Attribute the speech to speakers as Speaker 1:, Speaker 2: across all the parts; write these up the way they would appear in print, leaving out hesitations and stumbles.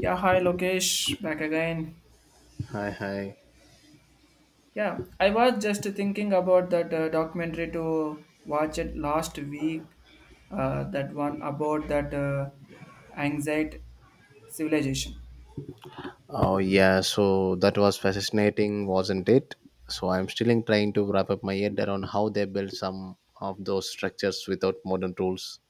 Speaker 1: Yeah, hi Lokesh, back again.
Speaker 2: Hi, hi.
Speaker 1: Yeah, I was just thinking about that documentary to watch it last week. That one about that anxiety civilization.
Speaker 2: Oh, yeah, so that was fascinating, wasn't it? So I'm still in trying to wrap up my head around how they built some of those structures without modern tools.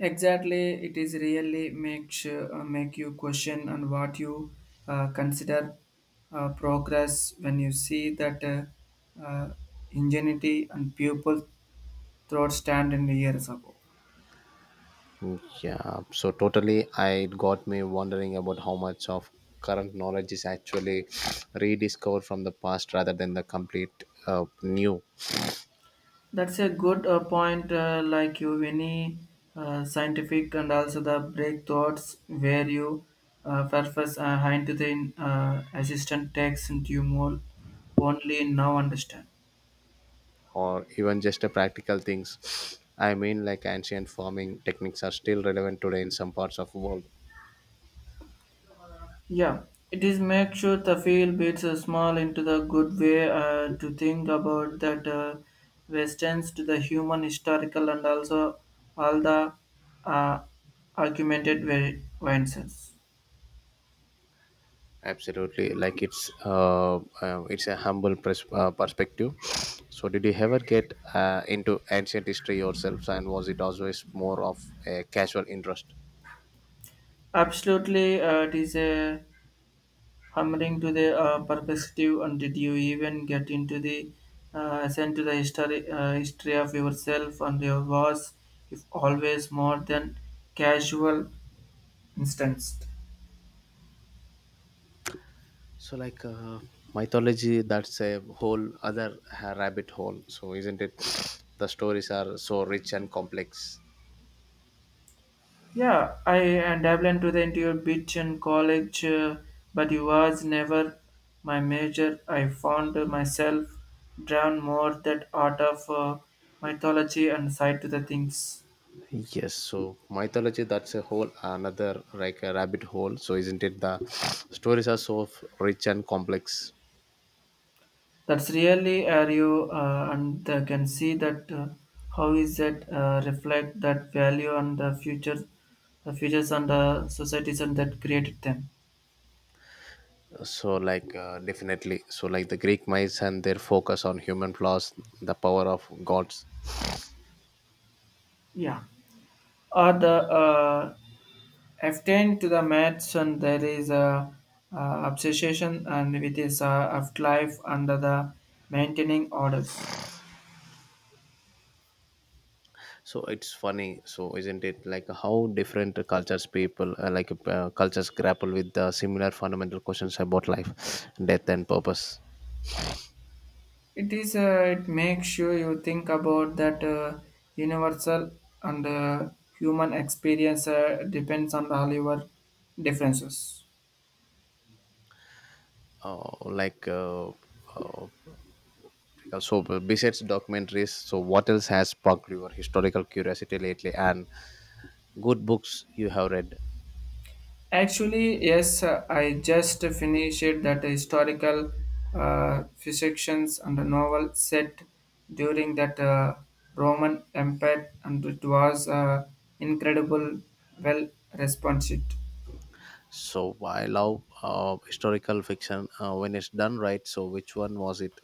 Speaker 1: Exactly, it is really make sure, make you question on what you consider progress when you see that ingenuity and people throughout stand in years ago.
Speaker 2: Mm, yeah, so totally, it got me wondering about how much of current knowledge is actually rediscovered from the past rather than the complete new
Speaker 1: That's a good point, like you, any scientific and also the breakthroughs where you purpose hind to the assistant text and you more only now understand.
Speaker 2: or even just the practical things. I mean, like ancient farming techniques are still relevant today in some parts of the world.
Speaker 1: Yeah, it is make sure the field beats a small into the good way to think about that westerns to the human historical and also all the uh, argumented variances.
Speaker 2: Absolutely, like it's a humble perspective. So, did you ever get into ancient history yourself, and was it always more of a casual interest?
Speaker 1: Absolutely, it is a Hammering to the perspective, and did you even get into the ascent to the history, history of yourself and your was, if always more than casual instance?
Speaker 2: So, like mythology, that's a whole other rabbit hole. So, isn't it? The stories are so rich and complex.
Speaker 1: Yeah, I and dabble into the interior beach in college, but it was never my major. I found myself drawn more that art of mythology and side to the things.
Speaker 2: Yes, so mythology, that's a whole another like a rabbit hole. So, isn't it? The stories are so rich and complex.
Speaker 1: That's really are you, and they can see that how is that reflect that value and the future, the futures and the societies and that created them.
Speaker 2: So like definitely, so like the Greek myths and their focus on human flaws, the power of gods.
Speaker 1: Yeah, or the uh, F10 to the match and there is a obsession and with his of life under the maintaining orders.
Speaker 2: So it's funny, so isn't it, like how different cultures people like cultures grapple with the similar fundamental questions about life, death and purpose.
Speaker 1: It is. It makes sure you think about that universal and human experience depends on all your differences.
Speaker 2: uh, like uh, uh, so besides documentaries, so what else has sparked your historical curiosity lately, and good books you have read?
Speaker 1: Actually, yes, I just finished that historical fictions and a novel set during that Roman Empire, and it was incredible, well responded.
Speaker 2: So I love historical fiction when it's done right. So which one was it?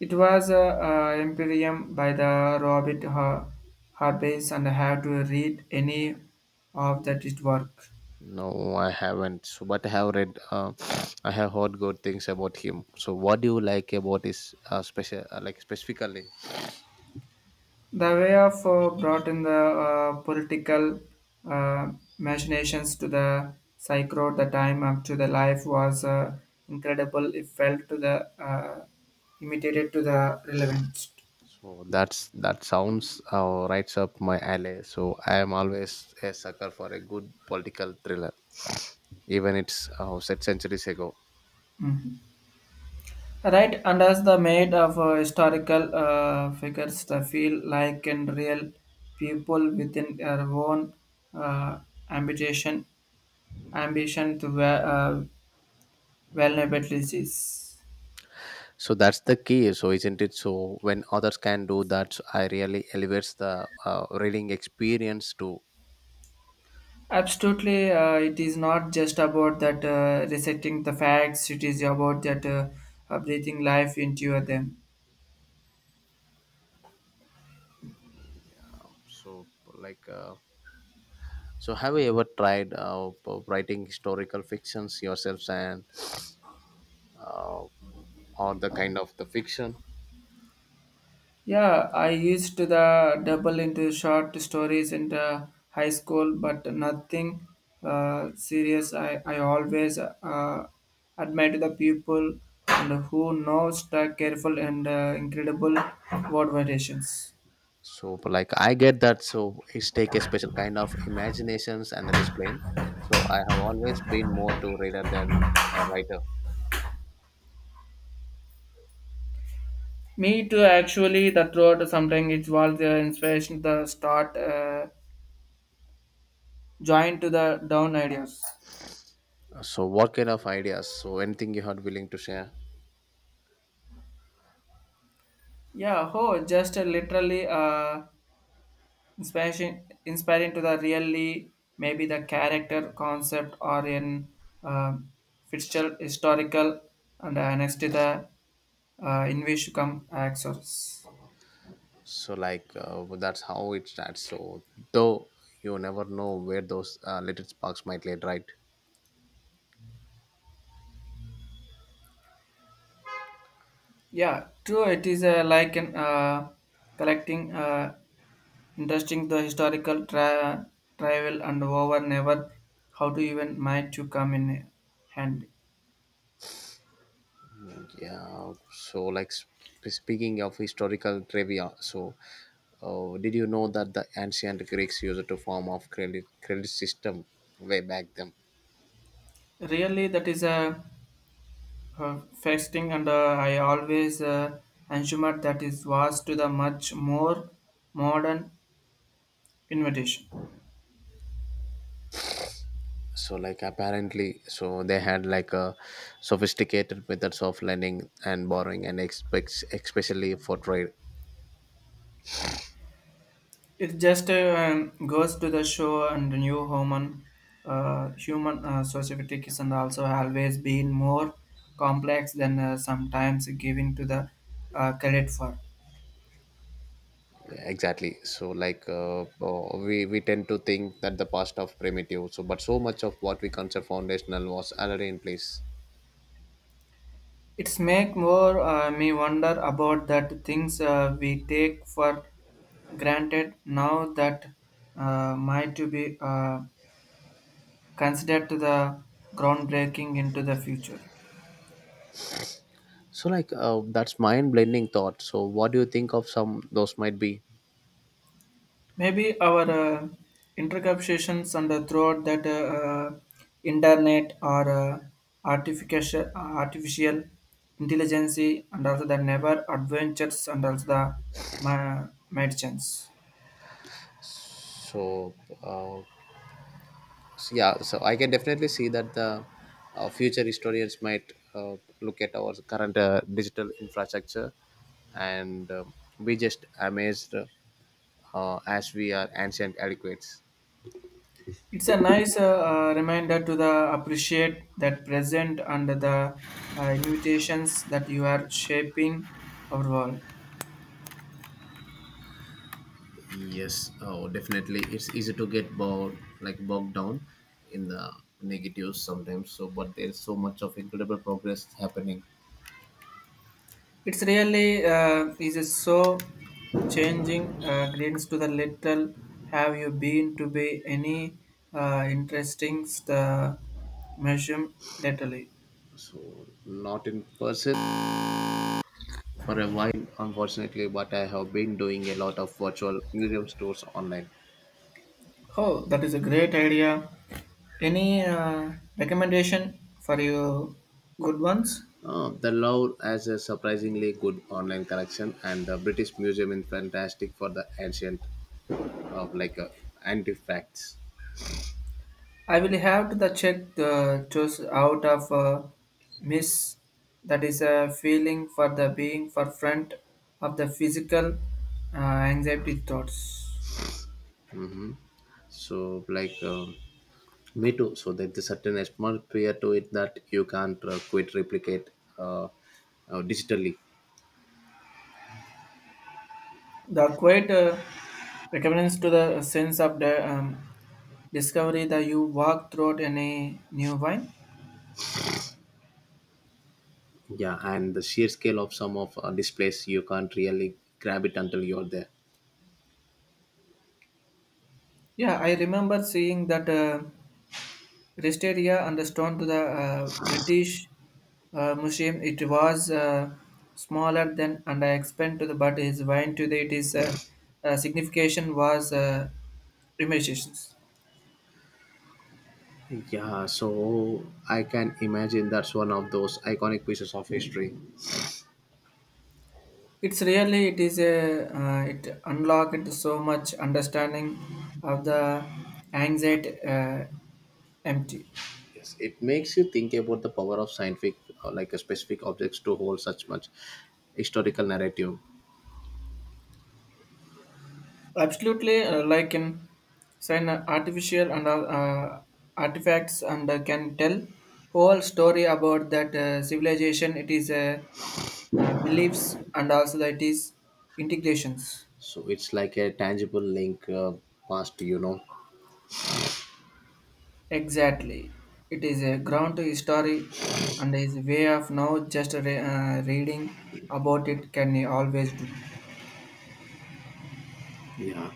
Speaker 1: It was a Imperium by the Robert Harbys and I have to read any of that it work.
Speaker 2: No, I haven't. So, but I have read. I have heard good things about him. So what do you like about his special, like specifically?
Speaker 1: The way of brought in the political uh, machinations to the psychro the time up to the life was incredible. It felt to the imitated to the relevant.
Speaker 2: So that's, that sounds rights up my alley. So I am always a sucker for a good political thriller, even it's set centuries ago.
Speaker 1: Mm. Right, and as the made of historical figures, they feel like in real people within their own uh, ambition, ambition to ve- uh, vulnerabilities.
Speaker 2: So that's the key, so isn't it? So when others can do that, so I really elevates the reading experience too.
Speaker 1: Absolutely, it is not just about that reciting the facts. It is about that breathing life into them.
Speaker 2: So like, so have you ever tried writing historical fictions yourselves, and uh, or the kind of the fiction?
Speaker 1: Yeah, I used the double into short stories in the high school, but nothing serious. I always admire the people and who knows the careful and incredible word variations.
Speaker 2: So like I get that. So it's take a special kind of imaginations and the display. So I have always been more to reader than a writer.
Speaker 1: Me too, actually, the throat sometimes it was the inspiration the start joined to the down ideas.
Speaker 2: So what kind of ideas? So anything you had willing to share?
Speaker 1: Yeah, oh, just literally. Inspiration, inspiring to the really maybe the character concept or in uh, Fitzgerald historical and next to the in which come access.
Speaker 2: So like that's how it starts, so though you never know where those little sparks might lead, right?
Speaker 1: Yeah, true. It is like an collecting interesting the historical travel and over never how to even might you come in handy.
Speaker 2: Yeah, so like speaking of historical trivia, so did you know that the ancient Greeks used a form of credit system way back then?
Speaker 1: Really, that is a first and I always assumed that it was to the much more modern invitation.
Speaker 2: So like apparently, so they had like a sophisticated methods of lending and borrowing and expects especially for trade.
Speaker 1: It just goes to the show and the new human societies and also always been more complex than sometimes given to the credit for.
Speaker 2: Yeah, exactly, so like we tend to think that the past of primitive, so but so much of what we consider foundational was already in place.
Speaker 1: It's make more me wonder about that things we take for granted now that might to be considered to the groundbreaking into the future.
Speaker 2: So like that's mind blending thought, so what do you think of some those might be?
Speaker 1: Maybe our interceptions and throughout that internet or artificial intelligence and also the never adventures and also the medicines.
Speaker 2: So, uh, so yeah, so I can definitely see that the future historians might look at our current digital infrastructure and be just amazed as we are ancient adequates.
Speaker 1: It's a nice reminder to the appreciate that present and the invitations that you are shaping our world.
Speaker 2: Yes, oh, definitely. It's easy to get bogged down in the negatives sometimes. So, but there's so much of incredible progress happening.
Speaker 1: It's really is so changing greens to the little. Have you been to be any interesting museum lately?
Speaker 2: So, not in person for a while, unfortunately, but I have been doing a lot of virtual museum stores online.
Speaker 1: Oh, that is a great idea. Any recommendation for you good ones?
Speaker 2: The Louvre has a surprisingly good online collection, and the British Museum is fantastic for the ancient of like artifacts.
Speaker 1: I will have to the check the choose out of miss that is a feeling for the being for front of the physical uh, anxiety thoughts.
Speaker 2: So, like. Um, me too. So there's a certain atmosphere to it that you can't quite replicate uh, uh, digitally.
Speaker 1: The quiet recurrence to the sense of the discovery that you walk throughout in a new wine.
Speaker 2: Yeah, and the sheer scale of some of displays, you can't really grab it until you're there.
Speaker 1: Yeah, I remember seeing that rest area and the stone to the British museum. It was smaller than and I expand to the but is wine today. It is signification was immersions.
Speaker 2: Yeah, so I can imagine that's one of those iconic pieces of history.
Speaker 1: It's really it is a it unlocked so much understanding of the anxiety empty.
Speaker 2: Yes, it makes you think about the power of scientific, like a specific objects to hold such much historical narrative.
Speaker 1: Absolutely, like in sign artificial and artifacts and can tell whole story about that civilization. It is beliefs and also that is integrations.
Speaker 2: So it's like a tangible link past, you know.
Speaker 1: Exactly. It is a ground to history and is a way of now just reading about it can you always do.
Speaker 2: Yeah.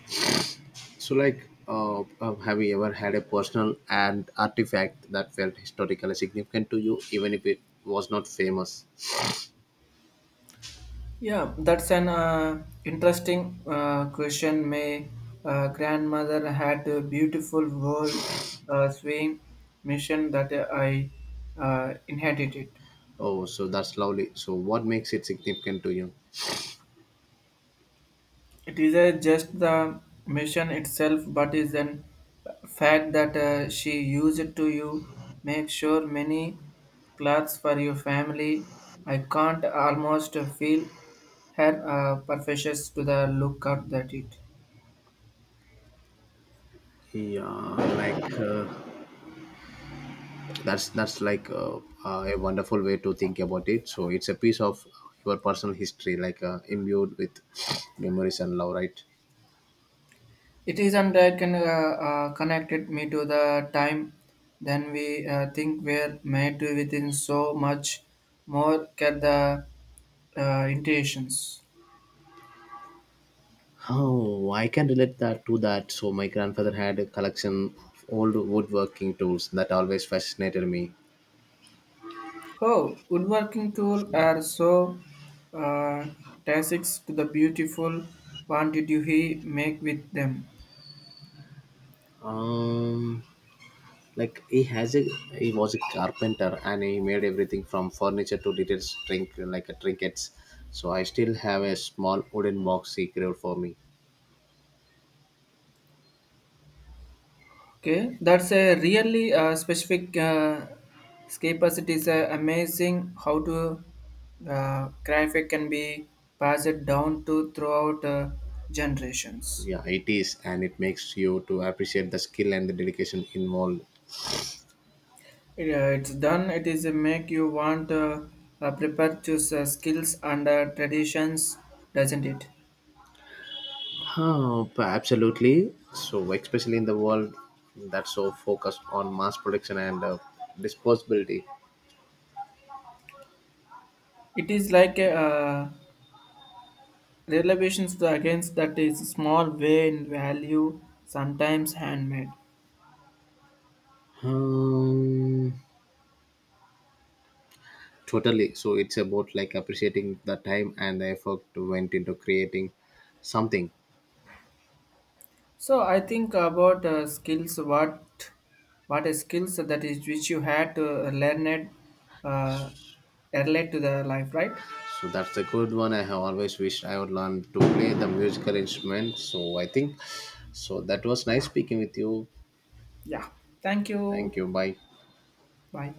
Speaker 2: So, like, have you ever had a personal and artifact that felt historically significant to you, even if it was not famous?
Speaker 1: Yeah, that's an interesting question. My grandmother had a beautiful world swing mission that I inherited.
Speaker 2: Oh, so that's lovely. So, what makes it significant to you?
Speaker 1: It is just the mission itself, but is an fact that she used to you make sure many clothes for your family. I can't almost feel her perfections to the look at that it.
Speaker 2: Yeah, like that's like a wonderful way to think about it. So, it's a piece of your personal history, like imbued with memories and love, right?
Speaker 1: It is and I can connected me to the time. Then we think we're made to within so much more get the intentions.
Speaker 2: Oh, I can relate that to that. So my grandfather had a collection of old woodworking tools that always fascinated me.
Speaker 1: Oh, woodworking tools are so uh, tactics to the beautiful. What did you he make with them.
Speaker 2: Um, like he has a, he was a carpenter and he made everything from furniture to little drink, like a trinkets. So I still have a small wooden box he created for me.
Speaker 1: Okay, that's a really specific scapers. It is amazing how to graphic can be passed down to throughout generations.
Speaker 2: Yeah, it is, and it makes you to appreciate the skill and the dedication involved.
Speaker 1: It's done. It is make you want prepare to skills and traditions, doesn't it?
Speaker 2: Oh, absolutely, so especially in the world that's so focused on mass production and disposability.
Speaker 1: It is like a Relevations to against that is small way in value, sometimes handmade.
Speaker 2: um, Totally. So it's about like appreciating the time and the effort went into creating something.
Speaker 1: So I think about skills. What is skills that is which you had to learn it, uh, relate to the life, right?
Speaker 2: So that's a good one. I have always wished I would learn to play the musical instrument. So I think so. That was nice
Speaker 1: Yeah,
Speaker 2: speaking with you.
Speaker 1: yeah. Thank you.
Speaker 2: Thank you. Bye.
Speaker 1: Bye.